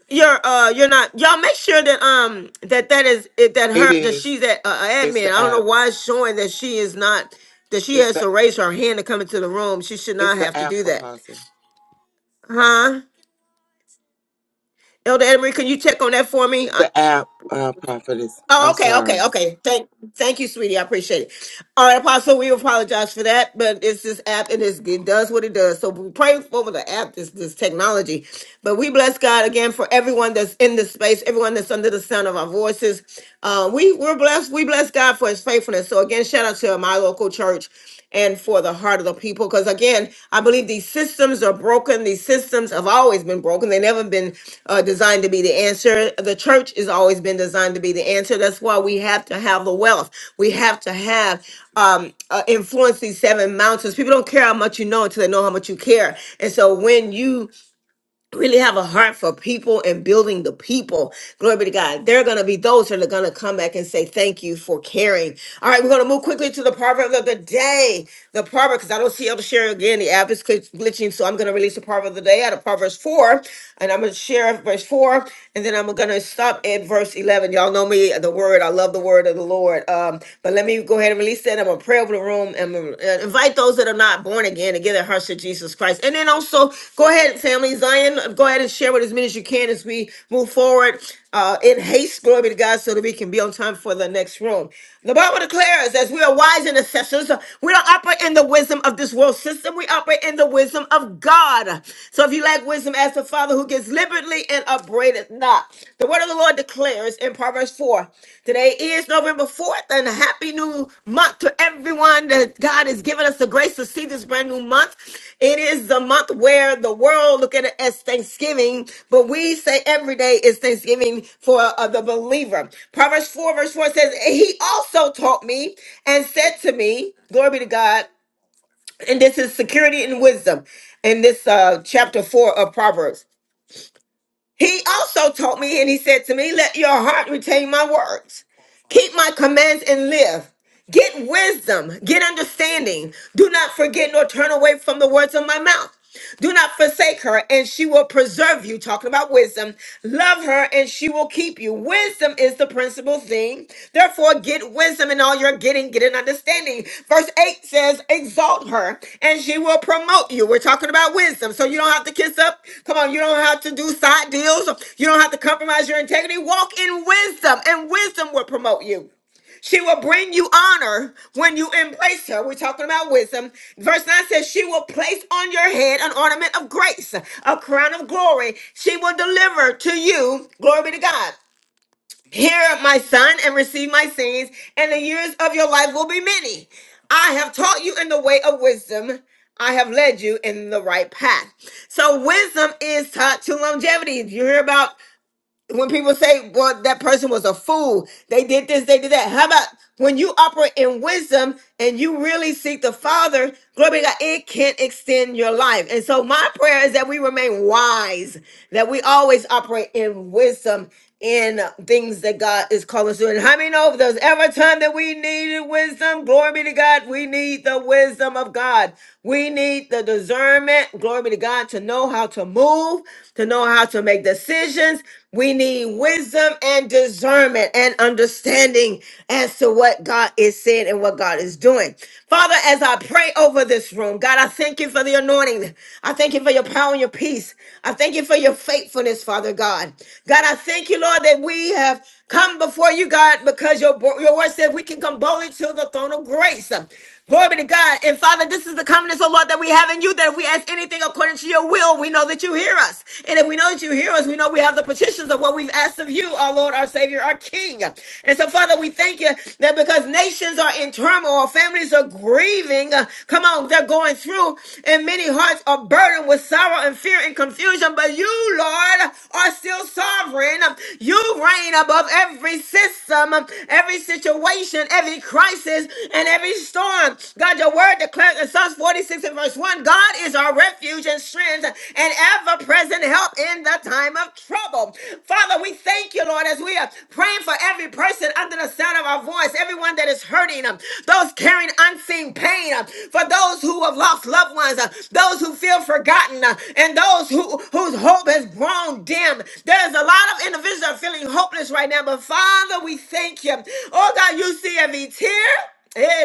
you're uh you're not y'all make sure that um that that is it that It her that is. she's at uh, It's admin. the I don't know app. why it's showing that she is not that she It's has the to raise her hand to come into the room. She should it's not the have to app, do that. Apostle. Huh? Elder Emery, can you check on that for me? Uh, The app, uh, Prophetess. Oh, I'm okay, okay, sorry, okay. Thank, thank you, sweetie. I appreciate it. All right, Apostle, we apologize for that, but it's this app, and it's, it does what it does. So we pray over the app, this this technology. But we bless God again for everyone that's in this space, everyone that's under the sound of our voices. Uh, we we're blessed. We bless God for His faithfulness. So again, shout out to my local church and for the heart of the people. Because again, I believe these systems are broken. These systems have always been broken. They never been uh, designed to be the answer. The church has always been designed to be the answer. That's why we have to have the wealth. We have to have um, uh, influence these seven mountains. People don't care how much you know until they know how much you care. And so when you really have a heart for people and building the people. Glory be to God. There are going to be those that are going to come back and say, Thank you for caring. All right, we're going to move quickly to the proverb of the day. The proverb, because I don't see able to share again. The app is glitch- glitching, so I'm going to release the proverb of the day out of Proverbs 4, and I'm going to share verse 4, and then I'm going to stop at verse 11. Y'all know me, the word. I love the word of the Lord. Um, but let me go ahead and release that said, I'm going to pray over the room and uh, invite those that are not born again to give their hearts to Jesus Christ. And then also, go ahead, family Zion, uh, go ahead and share with as many as you can as we move forward uh, in haste. Glory be to God, so that we can be on time for the next room. The Bible declares, as we are wise intercessors, uh, we don't operate in the wisdom of this world system, we operate in the wisdom of God. So if you lack wisdom, ask the Father who gives liberally and braideth not. The word of the Lord declares in Proverbs 4 today is November 4th, and a happy new month to everyone that God has given us the grace to see this brand new month. It is the month where the world look at it as Thanksgiving, but we say every day is Thanksgiving for uh, the believer. Proverbs 4, verse 4 says, He also taught me and said to me, Glory be to God. And this is security and wisdom in this uh, chapter 4 of Proverbs. He also taught me, and he said to me, Let your heart retain my words. Keep my commands and live. Get wisdom, get understanding. Do not forget nor turn away from the words of my mouth. Do not forsake her, and she will preserve you. Talking about wisdom. Love her, and she will keep you. Wisdom is the principal thing. Therefore, get wisdom in all you're getting, get an understanding. Verse 8 says, Exalt her, and she will promote you. We're talking about wisdom. So you don't have to kiss up. Come on, you don't have to do side deals. You don't have to compromise your integrity. Walk in wisdom, and wisdom will promote you. She will bring you honor when you embrace her. We're talking about wisdom. Verse 9 says, She will place on your head an ornament of grace, a crown of glory. She will deliver to you, glory be to God. Hear my son and receive my sayings, and the years of your life will be many. I have taught you in the way of wisdom. I have led you in the right path. So wisdom is taught to longevity. You hear about when people say, well, that person was a fool, they did this, they did that. How about when you operate in wisdom and you really seek the Father, glory be to God, it can extend your life. And so my prayer is that we remain wise, that we always operate in wisdom in things that God is calling us to. And how many know if there's ever a time that we needed wisdom? Glory be to God. We need the wisdom of God. We need the discernment, glory be to God, to know how to move, to know how to make decisions. We need wisdom and discernment and understanding as to what God is saying and what God is doing. Father, as I pray over this room, God, I thank you for the anointing. I thank you for your power and your peace. I thank you for your faithfulness, Father God. God, I thank you, Lord, that we have come before you, God, because your, your word said we can come boldly to the throne of grace. Glory be to God. And Father, this is the confidence, oh Lord, that we have in you, that if we ask anything according to your will, we know that you hear us. And if we know that you hear us, we know we have the petitions of what we've asked of you, our Lord, our Savior, our King. And so, Father, we thank you that because nations are in turmoil, families are grieving. uh, Come on, they're going through, and many hearts are burdened with sorrow and fear and confusion. But you, Lord, are still sovereign. You reign above every system, every situation situation, every crisis, and every storm. God, your word declares in Psalms 46 and verse 1 God is our refuge and strength and ever present help in the time of trouble. Father, we thank you, Lord, as we are praying for every person under the sound of our voice, everyone that is hurting, um, those carrying unseen pain, um, for those who have lost loved ones, uh, those who feel forgotten, uh, and those who whose hope has grown dim. There's a lot of individuals that are feeling hopeless right now, but Abba Father, we thank you. Oh God, you see every tear. Eh,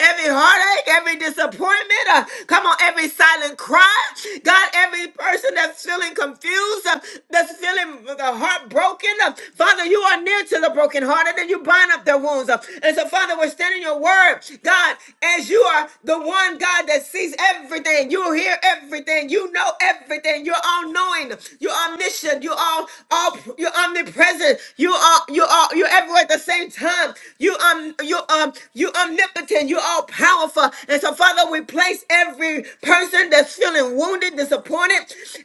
Every heartache, every disappointment, uh, come on, every silent cry. God, every person that's feeling confused, uh, that's feeling the heartbroken, uh, Father, you are near to the brokenhearted and you bind up their wounds. uh, and so, Father, we're standing your word, God, as you are the one God that sees everything, you hear everything, you know everything omnipotent, you're all knowing, you're omniscient, you're all, all you're omnipresent, you are you are you're everywhere at the same time. You um you um you omnipotent, you're all powerful. And so Father, we place every person that's feeling wounded, disappointed,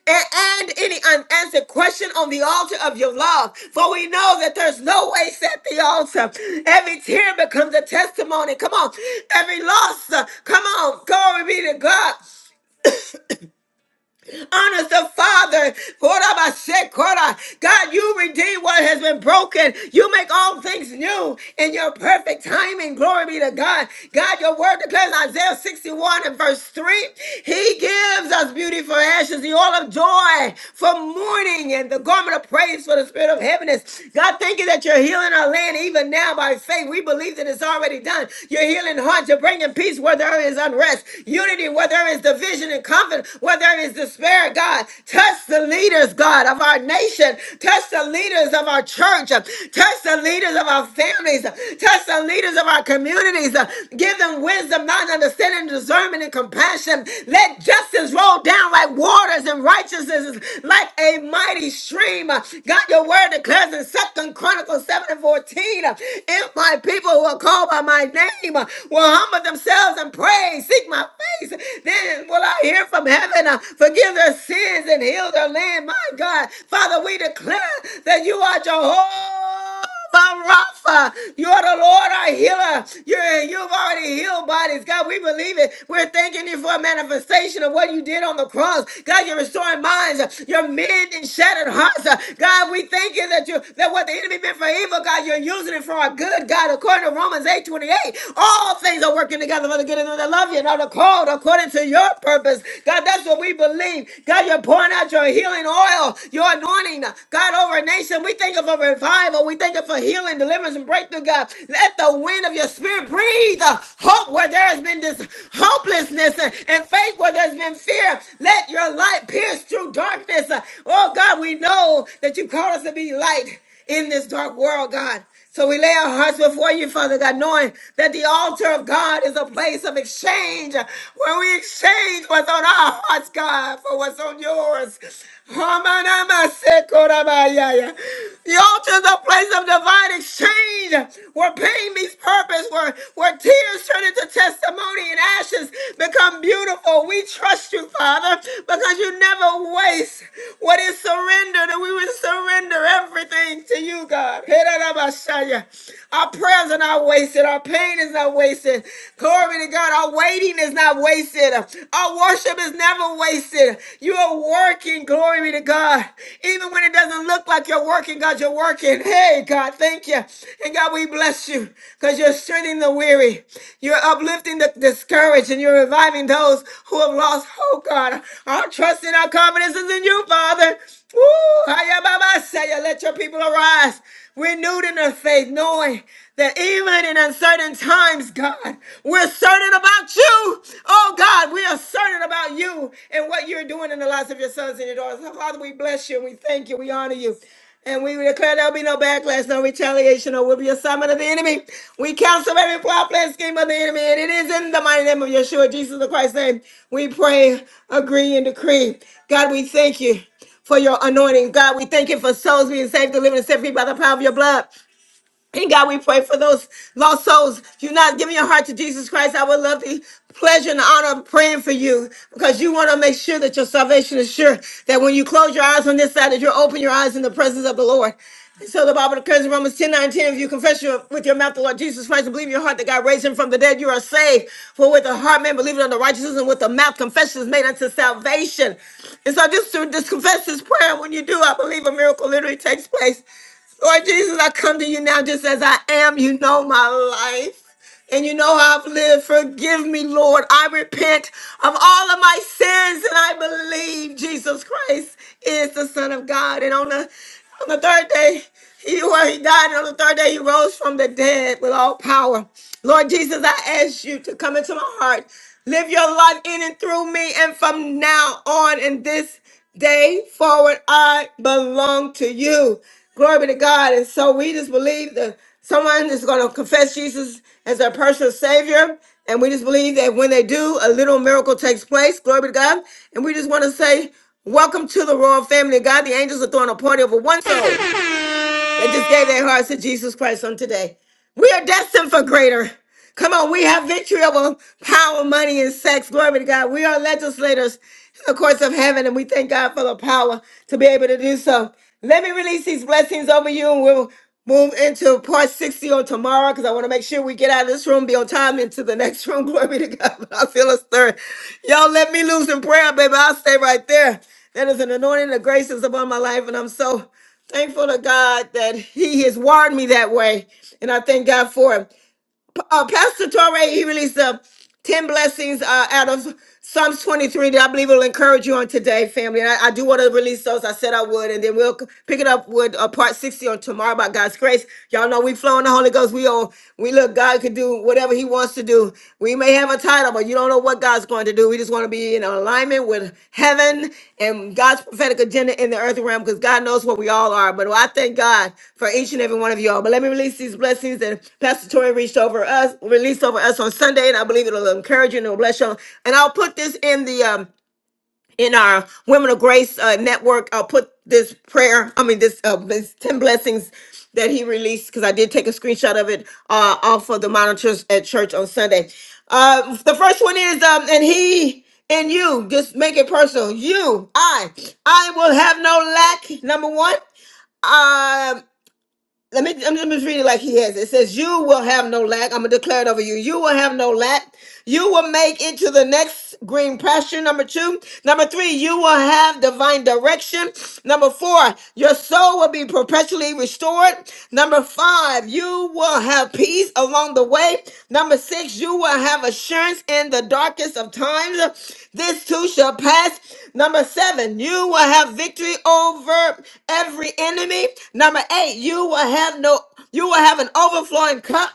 and, and any unanswered question on the altar of your love. For we know that there's no waste at the altar. Every tear becomes a testimony. Come on, every loss, uh, come on, glory be to God honors the Father. Korabasekora. God, you redeem what has been broken. You make all things new in your perfect timing. Glory be to God. God, your word declares in Isaiah 61 and verse 3. He gives us beauty for ashes, the oil of joy for mourning, and the garment of praise for the spirit of heaviness. God, thank you that you're healing our land even now by faith. We believe that it's already done. You're healing hearts. You're bringing peace where there is unrest, unity where there is division and conflict prophet, where there is despair, God. Touch the leaders, God, of our nation. Touch the leaders of our church. Touch the leaders of our families. Touch the leaders of our communities. Give them wisdom, not understanding, discernment, and compassion. Let justice roll down like waters and righteousness is like a mighty stream. God, your word declares in Second Chronicles 7 and 14. If my people who are called by my name will humble themselves and pray, seek my face then will I hear from heaven, uh, forgive their sins and heal their land. My God, Father, we declare that you are Jehovah. Rapha, you are the Lord, our healer. You're, you've already healed bodies. God, we believe it. We're thanking you for a manifestation of what you did on the cross. God, you're restoring minds. You're mending shattered hearts. God, we thank you that you that what the enemy meant for evil, God, you're using it for our good. God, according to Romans eight twenty eight, all things are working together for the good of them that love I love you and are called according to your purpose. God, that's what we believe. God, you're pouring out your healing oil, your anointing. God, over a nation, we think of a revival. We think of for healing, deliverance, and breakthrough, God. Let the wind of your spirit breathe uh, hope where there has been this hopelessness uh, and faith where there's been fear. Let your light pierce through darkness. Uh, Oh, God, we know that you called us to be light in this dark world, God. So we lay our hearts before you, Father God, knowing that the altar of God is a place of exchange where we exchange what's on our hearts, God, for what's on yours. Hamanamasekorabaya. The altar is a place of divine exchange where pain meets purpose, where, where tears turn into testimony and ashes visions become beautiful. We trust you, Father, because you never waste what is surrendered, and we will surrender everything to you, God. Our prayers are not wasted, our pain is not wasted. Glory to God, our waiting is not wasted, our worship is never wasted. You are working, glory to God, even when it doesn't look like you're working, God. You're working working. Hey, God, thank you. And God, we bless you because you're strengthening the weary. You're uplifting the discouraged and you're reviving those who have lost hope, God. Our trust and our confidence is in you, Father. Woo! Hiya, Baba, say ya. Let your people arise, renewed in their faith, knowing that even in uncertain times, God, we're certain about you. Oh, God, we are certain about you and what you're doing in the lives of your sons and your daughters. So, Father, we bless you and we thank you. We honor you. And we declare there'll be no backlash, no retaliation, or will be a summon of the enemy. We cancel every plot, plan, scheme of the enemy. And it is in the mighty name of Yeshua, Jesus the Christ's name. We pray, agree, and decree. God, we thank you for your anointing. God, we thank you for souls being saved, delivered, and set free by the power of your blood. And God, we pray for those lost souls. If you're not giving your heart to Jesus Christ, I would love the pleasure and honor of praying for you because you want to make sure that your salvation is sure. That when you close your eyes on this side, that you open your eyes in the presence of the Lord. And so the Bible declares in Romans 10, nine ten, if you confess your, with your mouth the Lord Jesus Christ and believe in your heart that God raised him from the dead, you are saved. For with the heart man believing on the righteousness and with the mouth confession is made unto salvation. And so just to just confess this prayer, when you do, I believe a miracle literally takes place. Lord Jesus, I come to you now just as I am. You know my life. And you know how I've lived. Forgive me, Lord. I repent of all of my sins and I believe Jesus Christ is the Son of God. And on the on the third day, he, well, he died, and on the third day he rose from the dead with all power. Lord Jesus, I ask you to come into my heart. Live your life in and through me and from now on in this day forward, I belong to you. Glory be to God. And so we just believe that someone is going to confess Jesus as their personal Savior. And we just believe that when they do, a little miracle takes place. Glory be to God. And we just want to say, Welcome to the royal family of God. The angels are throwing a party over one soul. They just gave their hearts to Jesus Christ on today. We are destined for greater. Come on, we have victory over power, money, and sex. Glory be to God. We are legislators in the courts of heaven, and we thank God for the power to be able to do so. Let me release these blessings over you, and we'll move into part 60 on tomorrow because I want to make sure we get out of this room, be on time into the next room. [laughs] Glory be to God. [laughs] I feel a stir. Y'all let me loose in prayer, baby. I'll stay right there. That is an anointing. The grace is upon my life, and I'm so Thankful to God that He has wired me that way, and I thank God for it. Uh, Pastor Torre, he released uh, 10 blessings uh, out of Psalms 23 that I believe will encourage you on today, family. And I, I do want to release those. I said I would, and then we'll c- pick it up with uh, part 60 on tomorrow by God's grace. Y'all know we flow in the Holy Ghost. We on, we look, God could do whatever He wants to do. We may have a title incredible. You don't know what God's going to do. We just want to be in alignment with heaven and God's prophetic agenda in the earth realm because God knows what we all are. But I thank God for each and every one of y'all. But let me release these blessings that Pastor Tori reached over us, released over us on Sunday, and I believe it'll encourage you and it'll bless you. And I'll put this in the um in our Women of Grace uh, network. I'll put this prayer, I mean, this, uh, this 10 blessings that he released, because I did take a screenshot of it uh, off of the monitors at church on Sunday. Uh, the first one is, um, and he and you, just make it personal. You, I, I will have no lack, number one. Um, let me I'm I'm just reading it like he has. It It says, You will have no lack. I'm gonna declare it over you. You will have no lack. You will make it to the next green pasture. Number two. Number three, you will have divine direction. Number four, your soul will be perpetually restored. Number five, you will have peace along the way. Number six, you will have assurance in the darkest of times. This too shall pass. Number seven, you will have victory over every enemy. Number eight, you will have no, you will have an overflowing cup.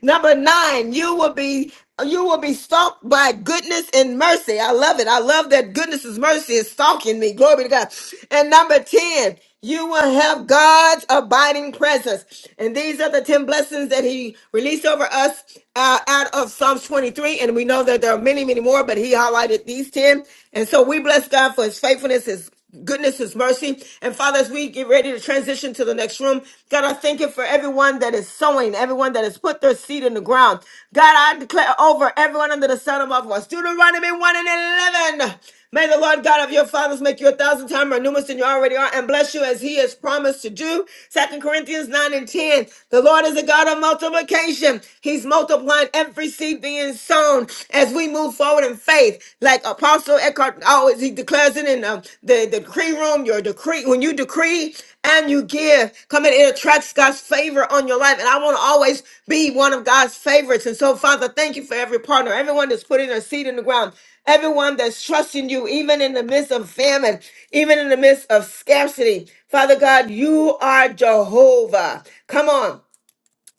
Number nine, you will be you will be stalked by goodness and mercy. I love it. I love that goodness and mercy is stalking me. Glory to God. And number 10, you will have God's abiding presence. And these are the 10 blessings that he released over us uh, out of Psalms 23. And we know that there are many, many more, but he highlighted these 10. And so we bless God for his faithfulness, his goodness, his mercy. And Father, as we get ready to transition to the next room, God, I thank you for everyone that is sowing, everyone that has put their seed in the ground. God, I declare over everyone under the sun above us, Deuteronomy 1 and 11. May the Lord God of your fathers make you a thousand times more numerous than you already are and bless you as he has promised to do. Second Corinthians 9 and 10. The Lord is a God of multiplication. He's multiplying every seed being sown as we move forward in faith. Like Apostle Eckhart always, he declares it in um, the, the decree room, your decree, when you decree and you give, come in, it attracts God's favor on your life. And I want to always be one of God's favorites. And so, Father, thank you for every partner, everyone that's putting their seed in the ground. Everyone that's trusting you, even in the midst of famine, even in the midst of scarcity. Father God, you are Jehovah. Come on.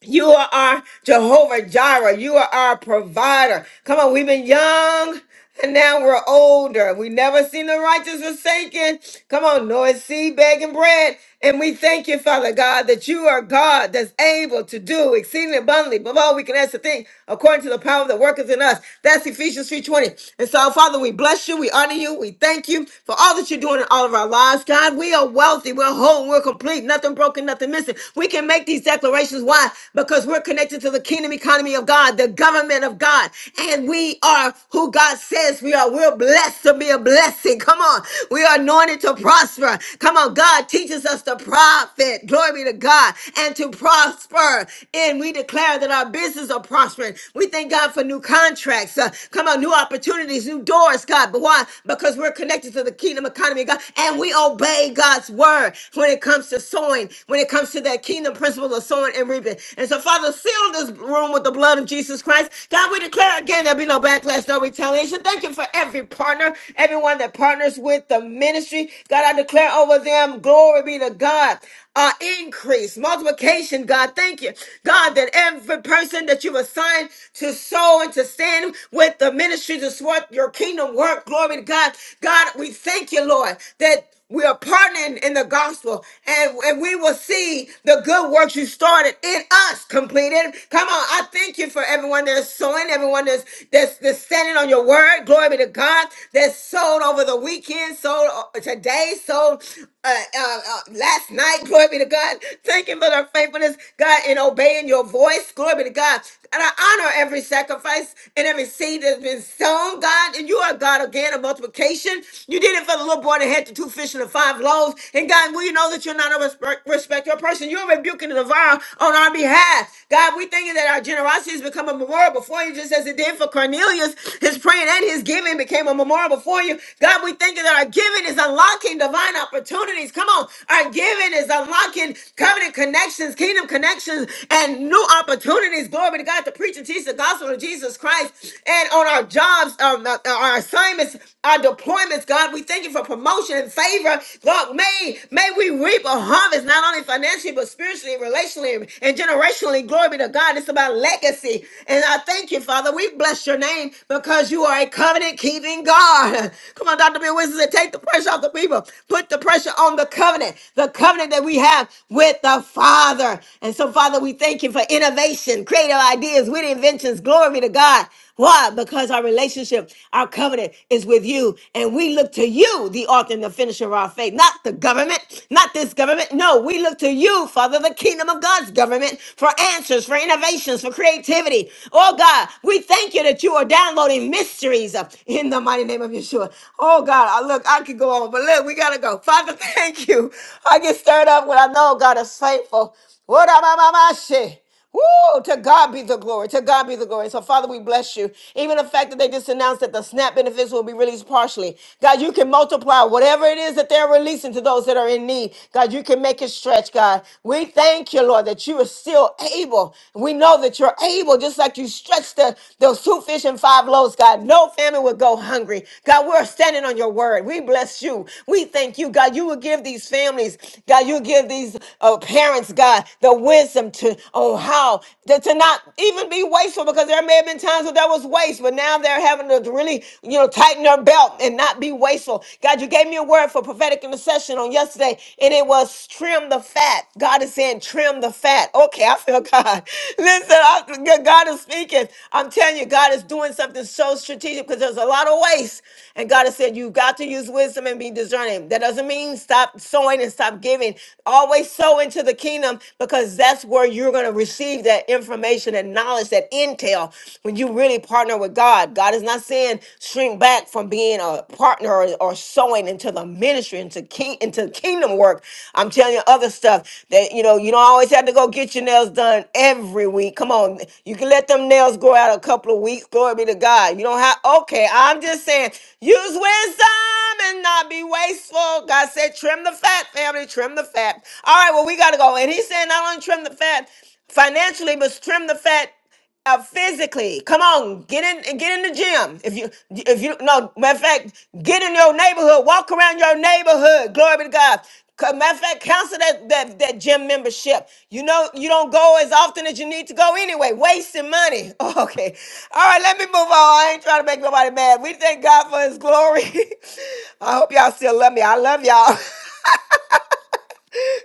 You are our Jehovah Jireh. You are our provider. Come on, we've been young and now we're older. We never seen the righteous forsaken. Come on, Noah seed begging bread. And we thank you, Father God, that you are God that's able to do exceedingly abundantly above all we can ask to think according to the power that worketh in us. That's Ephesians 3.20. And so, Father, we bless you. We honor you. We thank you for all that you're doing in all of our lives. God, we are wealthy. We're whole. We're complete. Nothing broken, nothing missing. We can make make these declarations. Why? Because we're connected to the kingdom economy of God, the government of God, and we are who God says we are. We're blessed to be a blessing. Come on. We are anointed to prosper. Come on. God teaches us to profit. Glory be to God and to prosper. And we declare that our business are prospering. We thank God for new contracts. Uh, come on, new opportunities, new doors, God. But why? Because we're connected to the kingdom economy, God, and we obey God's word when it comes to sowing when it comes to that kingdom principle of sowing and reaping. And so, Father, seal this room with the blood of Jesus Christ. God, we declare again there'll be no backlash, no retaliation. Thank you for every partner, everyone that partners with the ministry. God, I declare over them, glory be to God. Uh, increase, multiplication, God. Thank you, God, that every person that you've assigned to sow and to stand with the ministry to support your kingdom work, glory to God. God, we thank you, Lord, that we are partnering in the gospel, and, and we will see the good works you started in us completed. Come on, I thank you for everyone that's sowing, everyone that's that's, that's standing on your word. Glory be to God. That's sold over the weekend, sold uh, today, sold uh, uh, uh, last night. Glory be to God. Thank you for their faithfulness, God, in obeying your voice. Glory be to God. And I honor every sacrifice and every seed that's been sown, God. And you are God again of multiplication. You did it for the Lord the little boy that had the two fish and the five loaves. And God, we know that you're not a respect, respecter of person. You're rebuking the devourer on our behalf. God, we thank you that our generosity has become a memorial before you, just as it did for Cornelius. His praying and his giving became a memorial before you. God, we thank you that our giving is unlocking divine opportunities. Come on. Our giving is unlocking covenant connections, kingdom connections, and new opportunities. Glory to God to preach and teach the gospel of Jesus Christ. And on our jobs, um, our our assignments, our deployments appointments, God. We thank you for promotion and favor. God, may, may we reap a harvest, not only financially, but spiritually, relationally, and generationally. Glory be to God. It's about legacy. And I thank you, Father. We bless your name because you are a covenant keeping God. [laughs] Come on, Dr. Bill Winston said, take the pressure off the people. Put the pressure on the covenant, the covenant that we have with the Father. And so, Father, we thank you for innovation, creative ideas, witty inventions. Glory be to God. Why? Because our relationship, our covenant, strength is with you. And we look to you, the author and the finisher of our faith, not the government, not this government. No, we look to you, Father, the kingdom of God's government, for answers, for innovations, for creativity. Oh God, we thank you that you are downloading mysteries uh, in the mighty name of Yeshua. Oh God, I look, I could go on, but look, we gotta go. Father, [laughs] thank you. I get stirred up when I know God is faithful. What Woo! To God be the glory. To God be the glory. So, Father, we bless you. Even the fact that they just announced that the SNAP benefits will be released partially. God, you can multiply whatever it is that they're releasing to those that are in need. God, you can make it stretch, God. We thank you, Lord, that you are still able. We know that you're able, just like you stretched the, those two fish and five loaves, God. No family would go hungry. God, we're standing on your word. We. We bless you. We thank you, God. You will give these families, God, you will give these uh, parents, God, the wisdom to, oh, how to, to not even be wasteful because there may have been times where there was waste, but now they're having to really, you know, tighten their belt and not be wasteful. God, you gave me a word for prophetic intercession on yesterday, and it was trim the fat. God is saying, trim the fat. Okay, I feel God. [laughs] Listen, i God is speaking. I'm telling you, God is doing something so strategic because there's a lot of waste. And God has said, you've got to use wisdom and be discerning. That doesn't mean stop sowing and stop giving. Always sow into the kingdom because that's where you're going to receive that information and knowledge, that intel, when you really partner with God. God is not saying shrink back from being a partner or, or sowing into the into ministry, into king, into kingdom work. I'm telling you other stuff that you know you don't always have to go get your nails done every week. Come on, you can let them nails grow out a couple of weeks. Glory be to God. You don't have okay. I'm just saying, use wisdom and not be wasteful. God said, trim the fat, family, trim the fat. All right, well we gotta go. And He's saying, not only trim the fat financially, but trim the fat uh, physically, come on, get in, get in the gym. If you, if you, no, matter of fact, get in your neighborhood, walk around your neighborhood. Glory be to God. Co- Matter of fact, cancel that, that that gym membership. You know you don't go as often as you need to go anyway. Wasting money. [laughs] Okay, all right, let me move on. I ain't trying to make nobody mad. We thank God for His glory. [laughs] I hope y'all still love me. I love y'all. [laughs]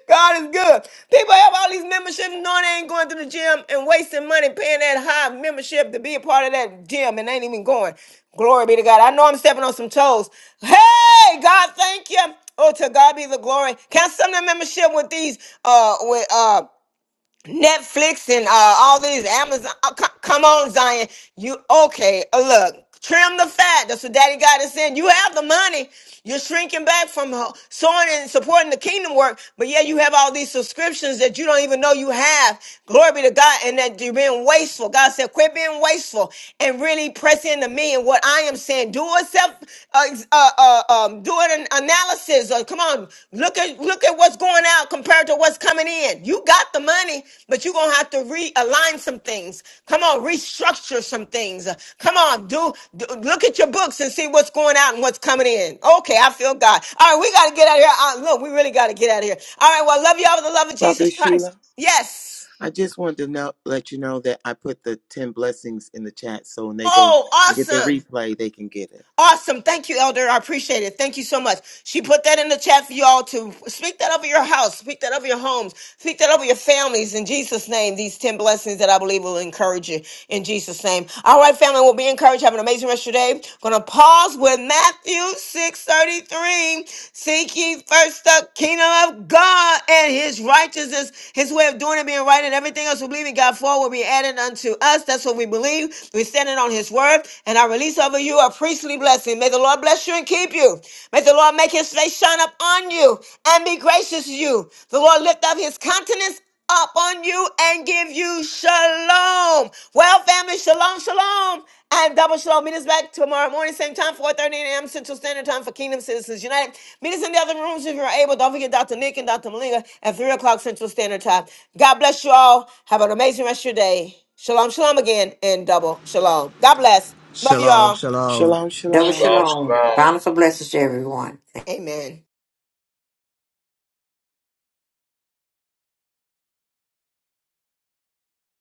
God is good. People have all these memberships, knowing they ain't going to the gym and wasting money paying that high membership to be a part of that gym and ain't even going. Glory be to God. I know I'm stepping on some toes. Hey, God, thank you. Oh, to God be the glory. Cancel the membership with these uh with uh Netflix and uh, all these Amazon. oh, co- come on, Zion. You okay? uh, Look, trim the fat. That's what Daddy God is saying. You have the money. You're shrinking back from ho- sowing and supporting the kingdom work, but yeah, you have all these subscriptions that you don't even know you have. Glory be to God, and that you're being wasteful. God said, quit being wasteful and really press into me and what I am saying. Do it uh, uh, uh, um, doing an analysis or come on look at look at what's going out compared to what's coming in you got the money but you're gonna have to realign some things come on restructure some things Uh, come on do, do look at your books and see what's going out and what's coming in okay i feel god all right we gotta get out of here uh, look we really gotta get out of here all right well I love y'all with the love of jesus Prophetess christ Sheila. yes I just wanted to know, let you know that I put the ten blessings in the chat, so when they go oh and get the awesome replay, they can get it. Awesome. Thank you, Elder. I appreciate it. Thank you so much. She put that in the chat for y'all to speak that over your house, speak that over your homes, speak that over your families in Jesus' name. These 10 blessings that I believe will encourage you in Jesus' name. All right, family, we'll be encouraged. Have an amazing rest of your day. Gonna pause with Matthew 6:33. Seek ye first the kingdom of God and his righteousness, his way of doing it, being right, and everything else we believe in God for will be added unto us. That's what we believe. We're standing on his word. And I release over you priestly blessing. May the Lord bless you and keep you. May the Lord make his face shine up on you and be gracious to you. The Lord lift up his countenance up on you and give you shalom. Well, family, shalom, shalom. And double shalom. Meet us back tomorrow morning, same time, 4.30 a.m. Central Standard Time for Kingdom Citizens United. Meet us in the other rooms if you're able. Don't forget Dr. Nick and Dr. Malinga at 3 o'clock Central Standard Time. God bless you all. Have an amazing rest of your day. Shalom, shalom again, and double shalom. God bless. Love you Shalom, all. shalom. Shalom, Double Shalom, shalom. shalom. shalom. Bountiful blessings to everyone. Amen.